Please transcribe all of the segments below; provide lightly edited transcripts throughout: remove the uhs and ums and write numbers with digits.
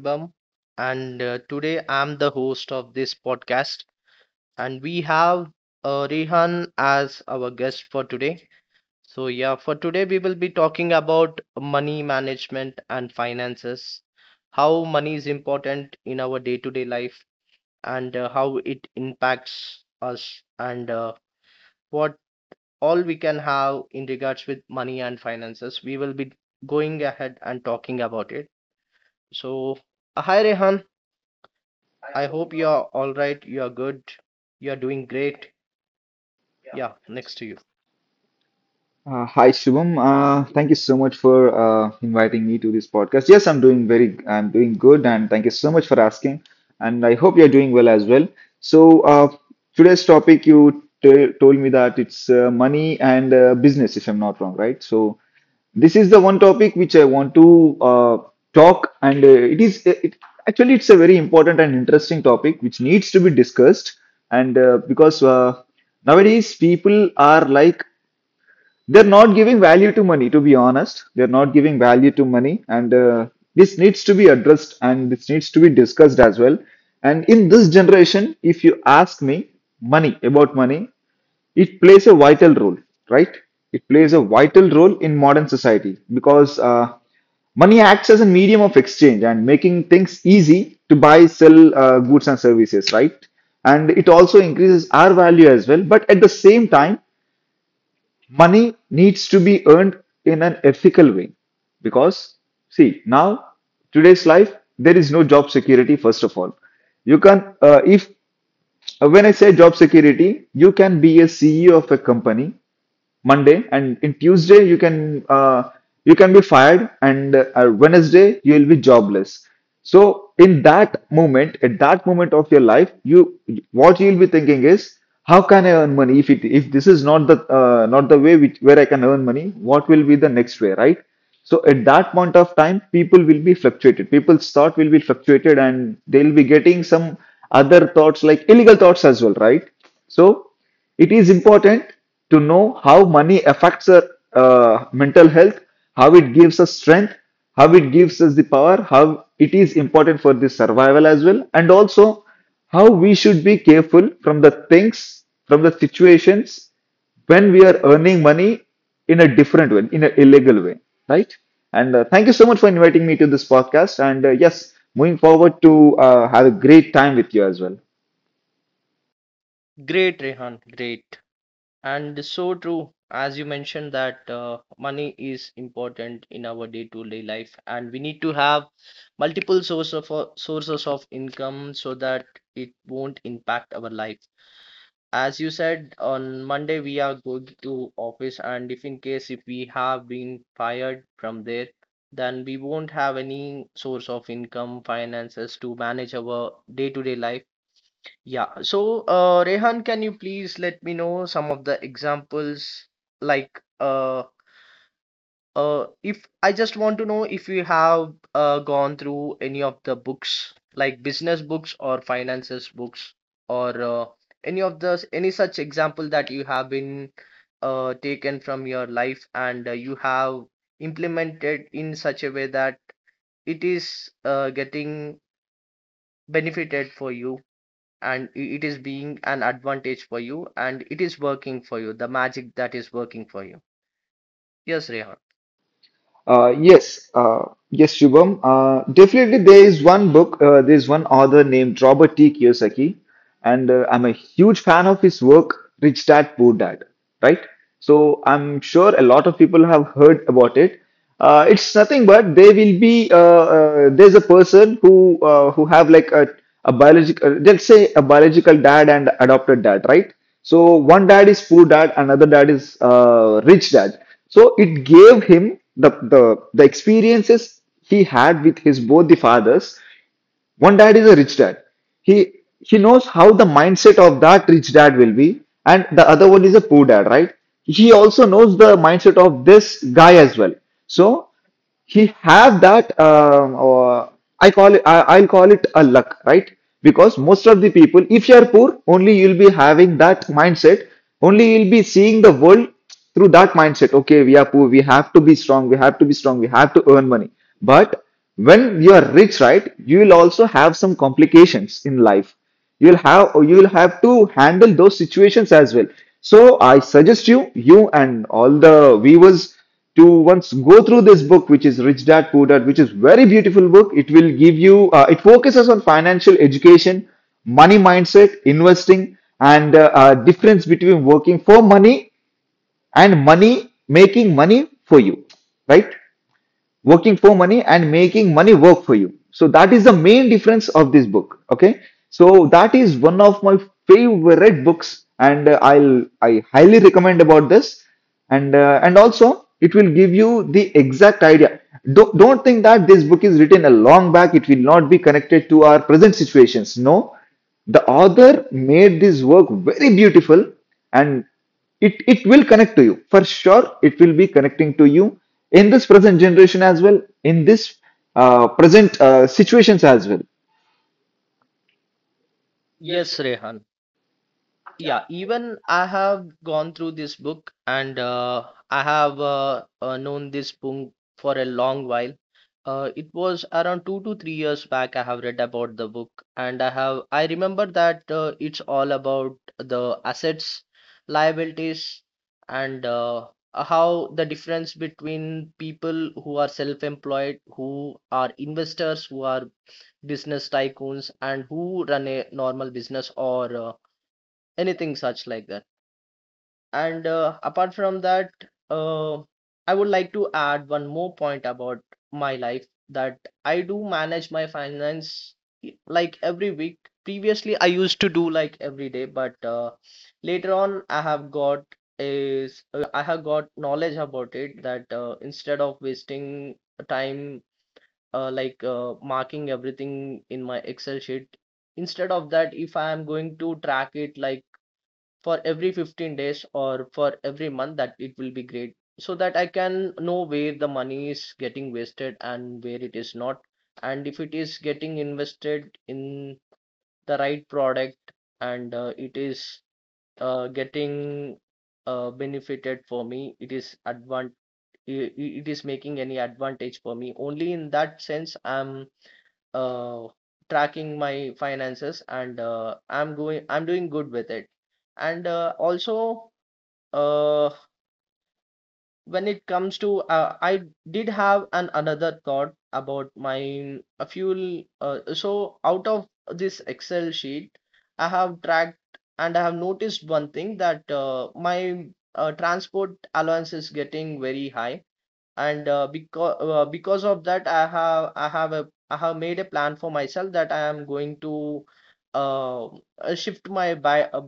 Shubham, and today I'm the host of this podcast. And we have Rehan as our guest for today. So, yeah, for today we will be talking about money management and finances, how money is important in our day to day life, and how it impacts us, and what all we can have in regards with money and finances. We will be going ahead and talking about it. So, hi Rehan. I hope you're all right. You're good. You're doing great. Yeah, next to you. Hi Shubham. Thank you so much for inviting me to this podcast. Yes, I'm doing I'm doing good, and thank you so much for asking. And I hope you're doing well as well. So today's topic, you t told me that it's money and business, if I'm not wrong, right? So this is the one topic which I want to uh, talk, and actually it's a very important and interesting topic which needs to be discussed. And because nowadays people are like they're not giving value to money, to be honest, they're not giving value to money, and this needs to be addressed and this needs to be discussed as well. And in this generation, if you ask me money, about money, it plays a vital role, right? It plays a vital role in modern society, because money acts as a medium of exchange and making things easy to buy, sell goods and services, right? And it also increases our value as well, but at the same time money needs to be earned in an ethical way. Because see, now today's life, there is no job security. First of all, you can if when I say job security, you can be a CEO of a company Monday, and in Tuesday you can be fired, and Wednesday you will be jobless. So in that moment, at that moment of your life, you what you will be thinking is, how can I earn money if it if this is not the not the way which where I can earn money? What will be the next way, right? So at that point of time, people will be fluctuated. People's thought will be fluctuated, and they'll be getting some other thoughts, like illegal thoughts as well, right? So it is important to know how money affects our mental health, how it gives us strength, how it gives us the power, how it is important for the survival as well, and also how we should be careful from the things, from the situations when we are earning money in a different way, in an illegal way, right? And thank you so much for inviting me to this podcast. And yes, moving forward to have a great time with you as well. Great, Rehan. Great. And so true, as you mentioned, that money is important in our day-to-day life, and we need to have multiple source of, sources of income so that it won't impact our life. As you said, on Monday we are going to office, and if in case if we have been fired from there, then we won't have any source of income, finances to manage our day-to-day life. Yeah. So, Rehan, can you please let me know some of the examples like if I just want to know if you have gone through any of the books, like business books or finances books, or any of those, any such example that you have been taken from your life and you have implemented in such a way that it is getting benefited for you and it is being an advantage for you and it is working for you, the magic that is working for you. Yes, Rehan. Uh, yes, uh, yes, Shubham. Definitely, there is one book, there is one author named Robert T. Kiyosaki, and I'm a huge fan of his work, Rich Dad Poor Dad, right? So I'm sure a lot of people have heard about it. It's nothing but there will be there's a person who have like a biological, let's say a biological dad and adopted dad, right? So one dad is poor dad, another dad is rich dad. So it gave him the experiences he had with his both the fathers. One dad is a rich dad, he he knows how the mindset of that rich dad will be, and the other one is a poor dad, right? He also knows the mindset of this guy as well. So he have that or I call it I'll call it a luck, right? Because most of the people, if you are poor, only you'll be having that mindset, only you'll be seeing the world through that mindset. Okay, we are poor, we have to be strong, we have to be strong, we have to earn money. But when you are rich, right, you will also have some complications in life, you'll have, you'll have to handle those situations as well. So I suggest you and all the viewers to once go through this book which is Rich Dad Poor Dad, which is very beautiful book. It will give you it focuses on financial education, money mindset, investing, and difference between working for money and money making money for you, right? Working for money and making money work for you. So that is the main difference of this book. Okay. So that is one of my favorite books, and I highly recommend about this, and also it will give you the exact idea. Don't think that this book is written a long back. It will not be connected to our present situations. No, the author made this work very beautiful, and it will connect to you for sure. It will be connecting to you in this present generation as well, in this present situations as well. Yes, Rehan. Yeah, even I have gone through this book and I have known this book for a long while. It was around 2 to 3 years back I have read about the book and I remember that it's all about the assets, liabilities, and how the difference between people who are self-employed, who are investors, who are business tycoons, and who run a normal business or anything such like that. And apart from that, uh, I would like to add one more point about my life that I do manage my finance like every week. Previously I used to do like every day, but later on I have got knowledge about it that instead of wasting time, like marking everything in my Excel sheet, instead of that, if I am going to track it like for every 15 days or for every month, that it will be great so that I can know where the money is getting wasted and where it is not, and if it is getting invested in the right product and it is getting benefited for me, it is advant it is making any advantage for me. Only in that sense I'm uh, tracking my finances and I'm doing good with it. And also uh when it comes to I did have an another thought about my fuel. So out of this Excel sheet I have tracked and I have noticed one thing that my transport allowance is getting very high. And because of that I have made a plan for myself that I am going to uh, uh, shift my buy uh,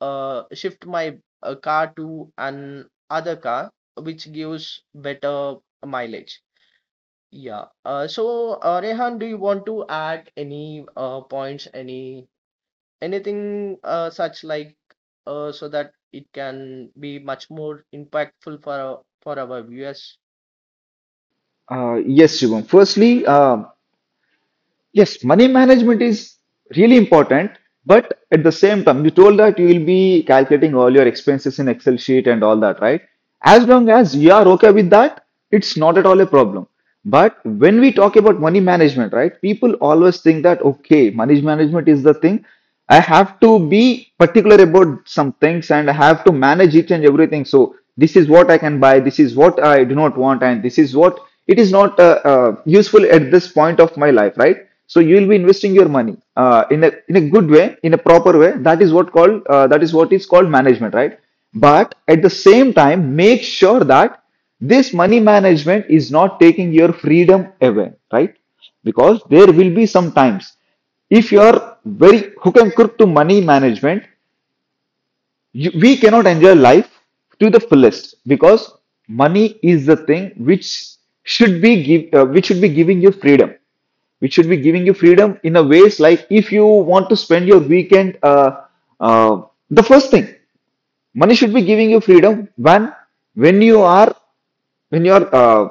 shift my car to an other car which gives better mileage. Yeah. So, Rehan, do you want to add any points, any anything such like so that it can be much more impactful for for our viewers? Yes, Shubham. Firstly, yes, money management is really important, but at the same time you told that you will be calculating all your expenses in Excel sheet and all that, right? As long as you are okay with that, it's not at all a problem. But when we talk about money management, right, people always think that okay, money management is the thing, I have to be particular about some things and I have to manage each and everything. So this is what I can buy, this is what I do not want, and this is what it is not useful at this point of my life, right? So you will be investing your money in a good way, in a proper way. That is what called that is what is called management, right? But at the same time, make sure that this money management is not taking your freedom away, right? Because there will be some times, if you're very hook and crook to money management, we cannot enjoy life to the fullest, because money is the thing which should be which should be giving you freedom, which should be giving you freedom in a ways, like if you want to spend your weekend, uh, the first thing, money should be giving you freedom when you are when you're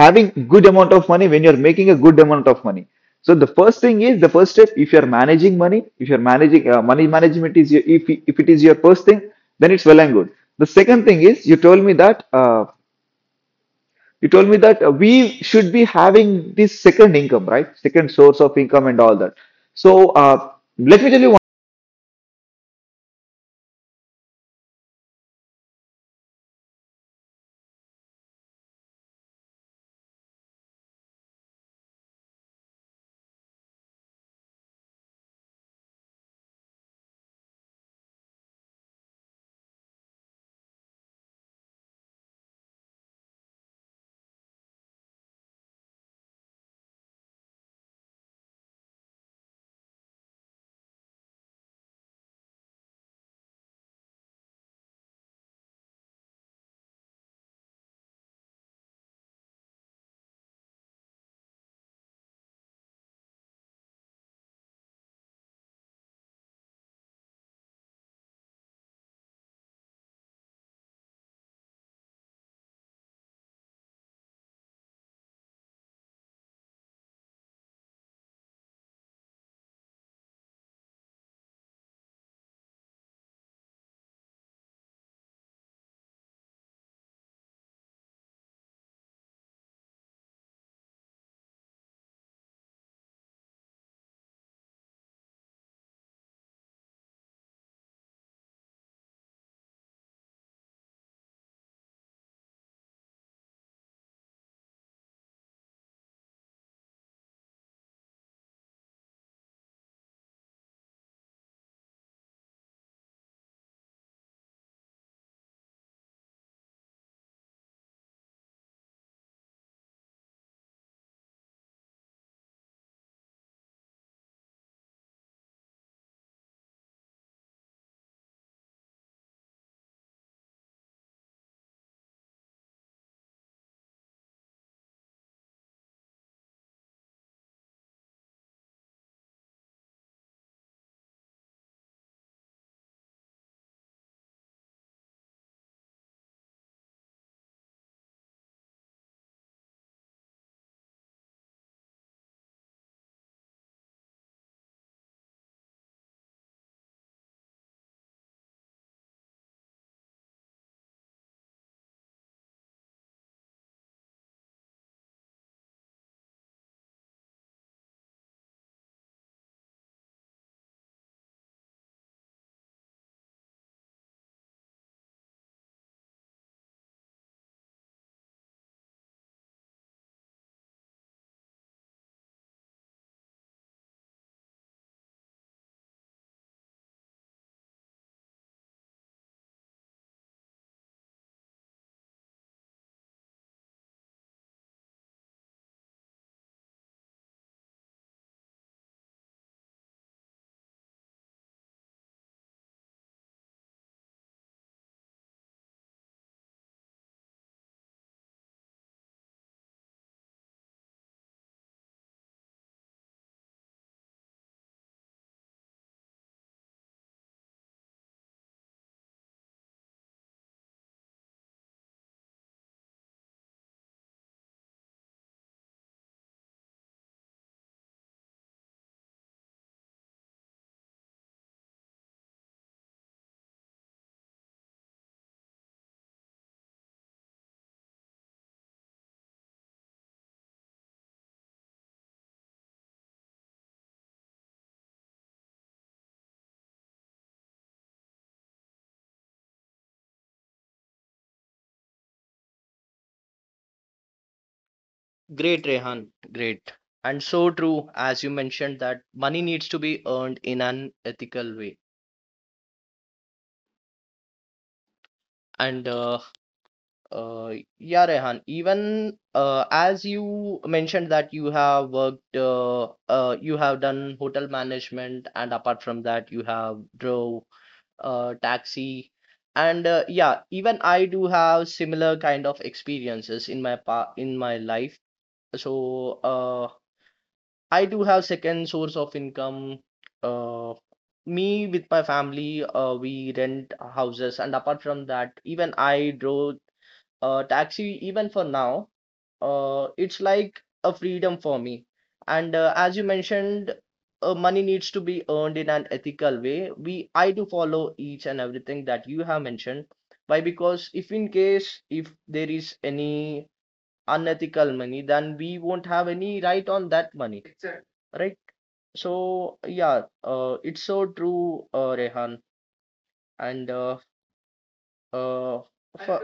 having good amount of money, when you're making a good amount of money. So the first thing is, the first step, if you're managing money, if you're managing money management is your, if it is your first thing, then it's well and good. The second thing is, you told me that you told me that we should be having this second income, right? Second source of income and all that. So let me tell you Great, Rehan. Great. And so true, as you mentioned, that money needs to be earned in an ethical way. And Yeah, Rehan, even as you mentioned that you have worked, you have done hotel management, and apart from that, you have drove taxi. And yeah, even I do have similar kind of experiences in my pa in my life. So I do have second source of income. Uh, Me with my family, we rent houses, and apart from that, even I drove taxi. Even for now it's like a freedom for me. And as you mentioned, money needs to be earned in an ethical way. We i do follow each and everything that you have mentioned. Why? Because if in case if there is any unethical money, then we won't have any right on that money, right? So yeah, it's so true, Rehan. and uh, uh, for,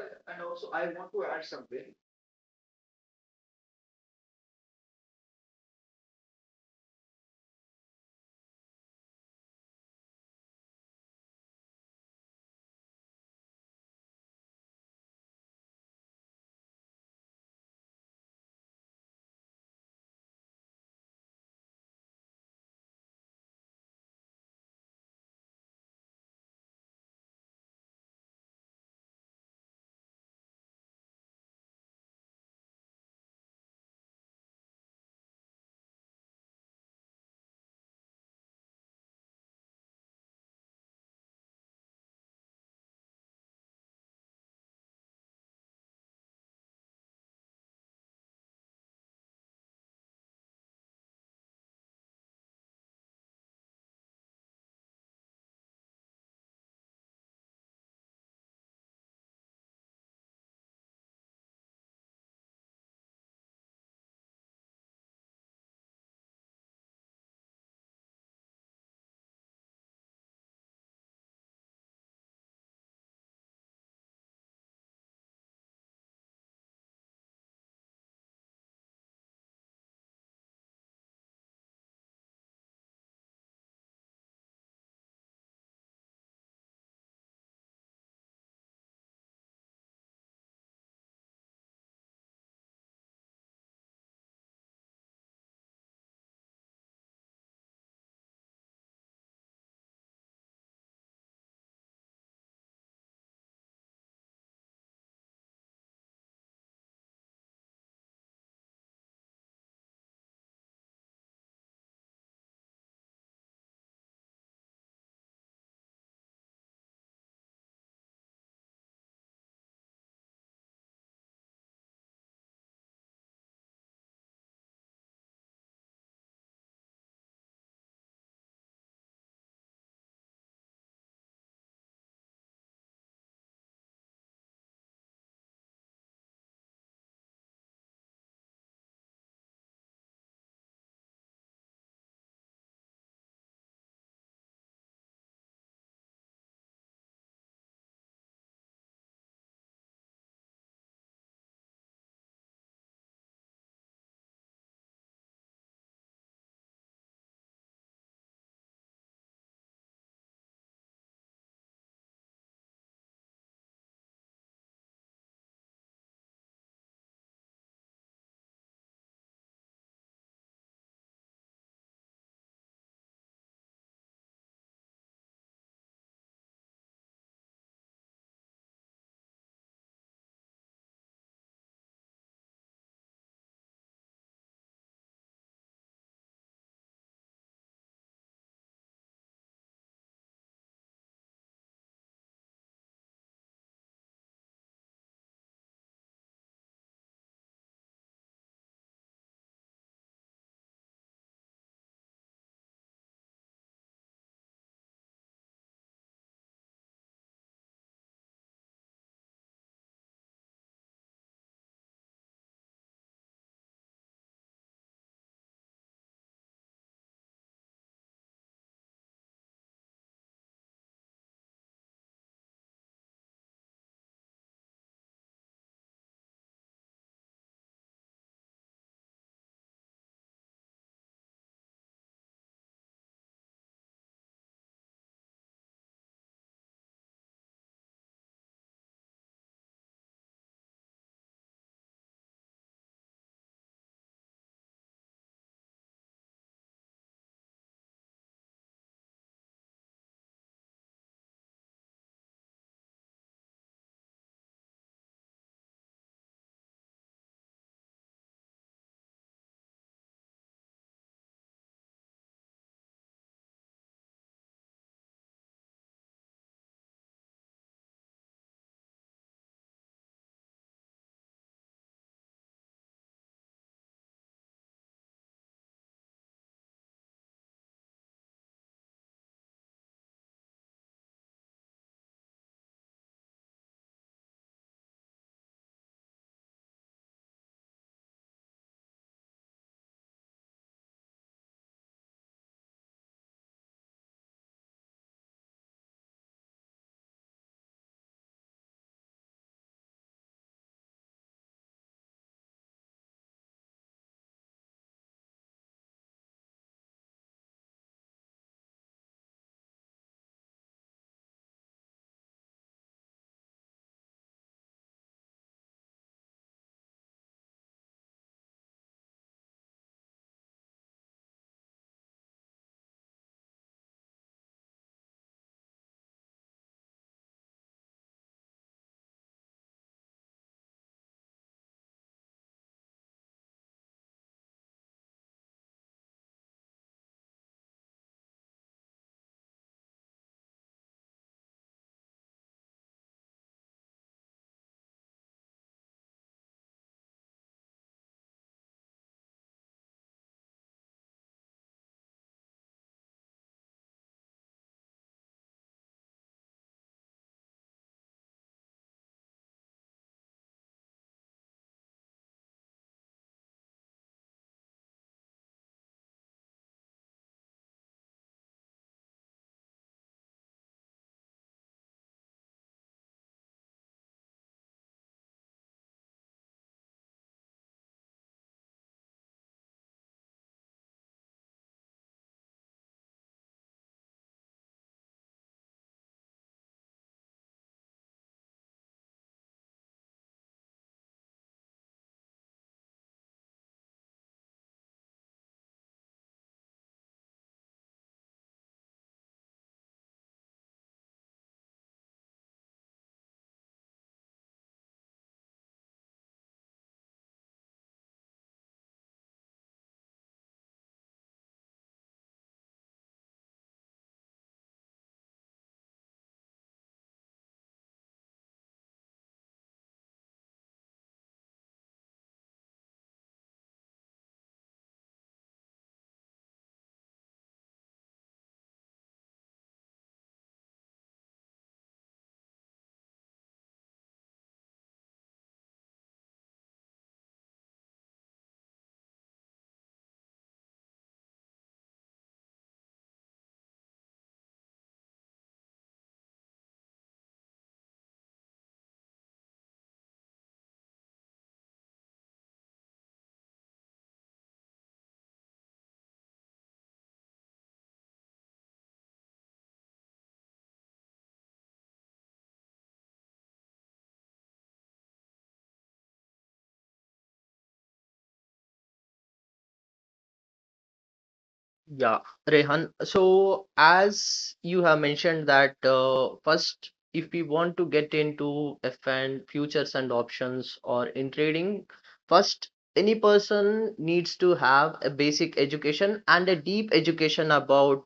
Yeah, Rehan. So, as you have mentioned that first, if we want to get into FN futures and options or in trading, first, any person needs to have a basic education and a deep education about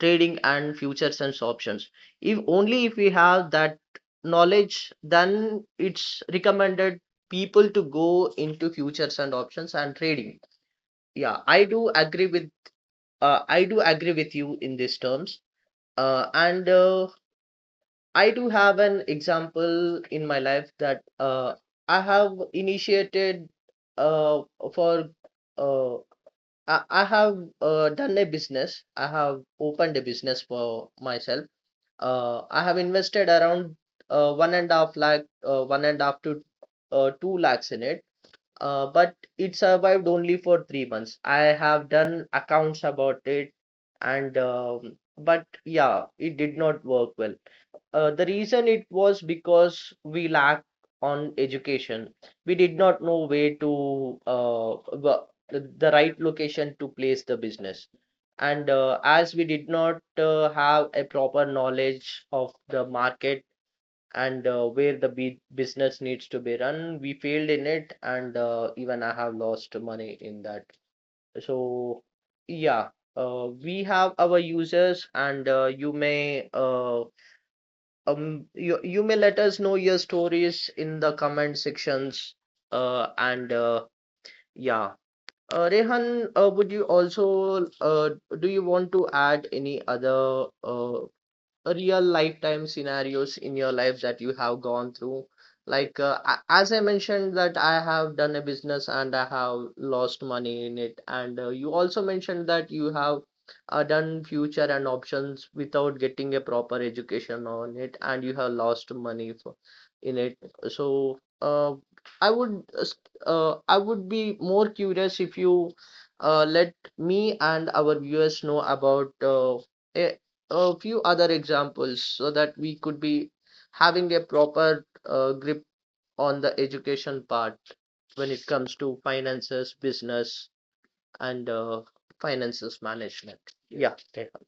trading and futures and options. If only if we have that knowledge, then it's recommended people to go into futures and options and trading. Yeah, I do agree with you in these terms. And I do have an example in my life that I have initiated uh, for, uh, I have done a business. I have opened a business for myself. I have invested around one and a half to two lakhs in it. But it survived only for 3 months. I have done accounts about it, and but yeah, it did not work well. The reason it was because we lack on education. We did not know where to the right location to place the business. And as we did not have a proper knowledge of the market and where the be business needs to be run. We failed in it, and even I have lost money in that. So, yeah, we have our users, and you may let us know your stories in the comment sections. And yeah. Rehan, would you also do you want to add any other real lifetime scenarios in your life that you have gone through like as I mentioned that I have done a business and I have lost money in it, and you also mentioned that you have done future and options without getting a proper education on it and you have lost money in it. So i would uh, s- I would be more curious if you let me and our viewers know about a a few other examples so that we could be having a proper grip on the education part when it comes to finances, business, and finances management. Yeah. Rehan.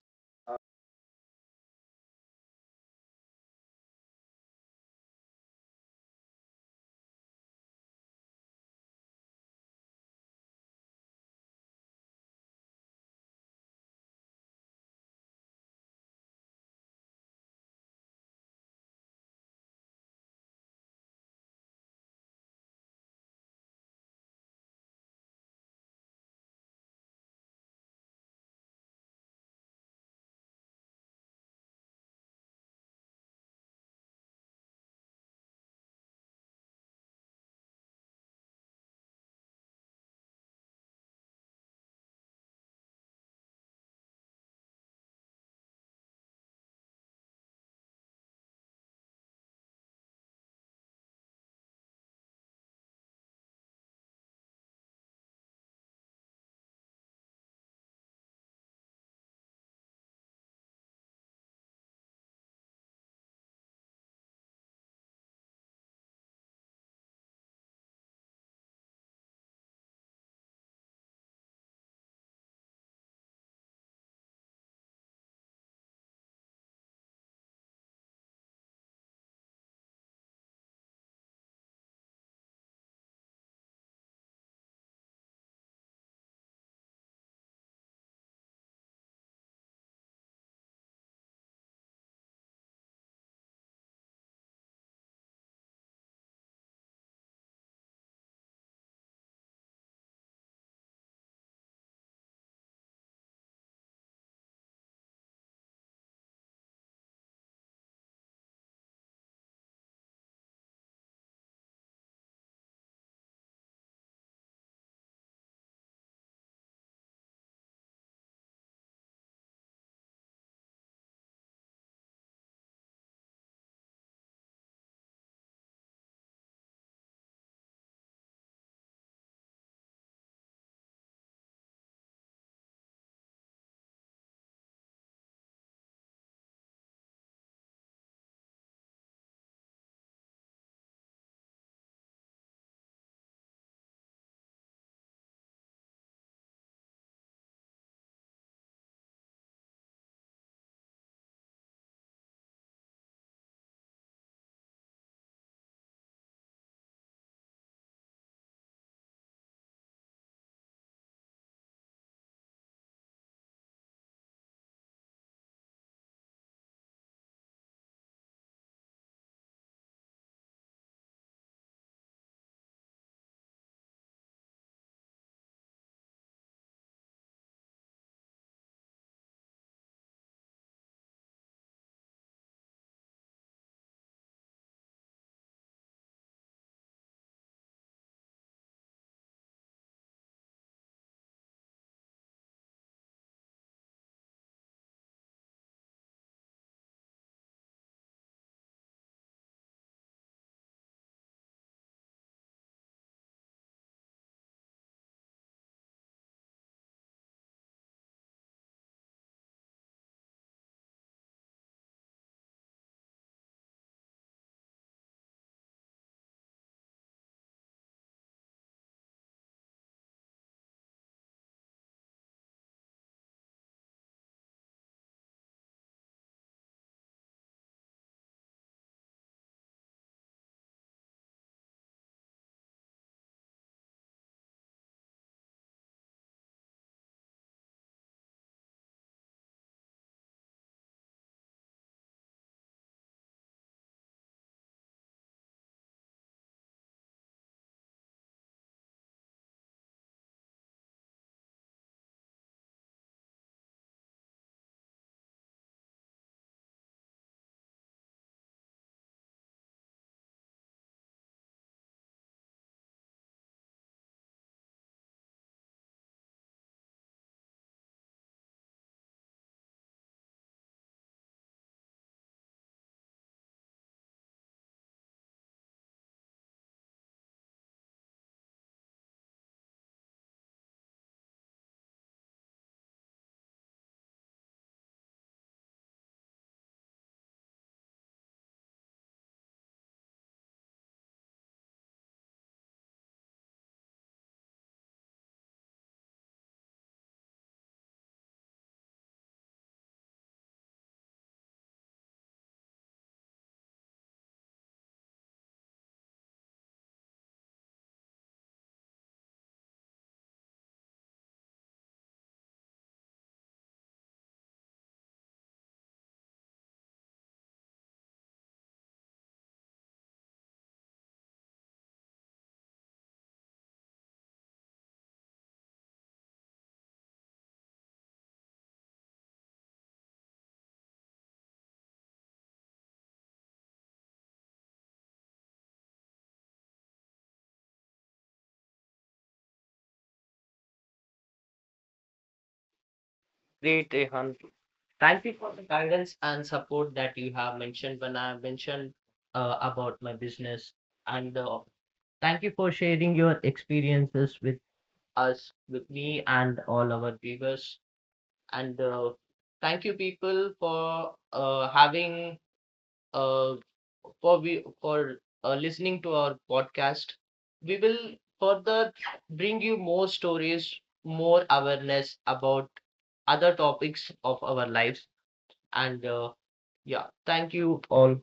Great, Rehan. Thank you for the guidance and support that you have mentioned when I mentioned about my business. And thank you for sharing your experiences with us, with me, and all our viewers. And thank you people for having uh, for we for listening to our podcast. We will further bring you more stories, more awareness about other topics of our lives. And yeah, thank you all.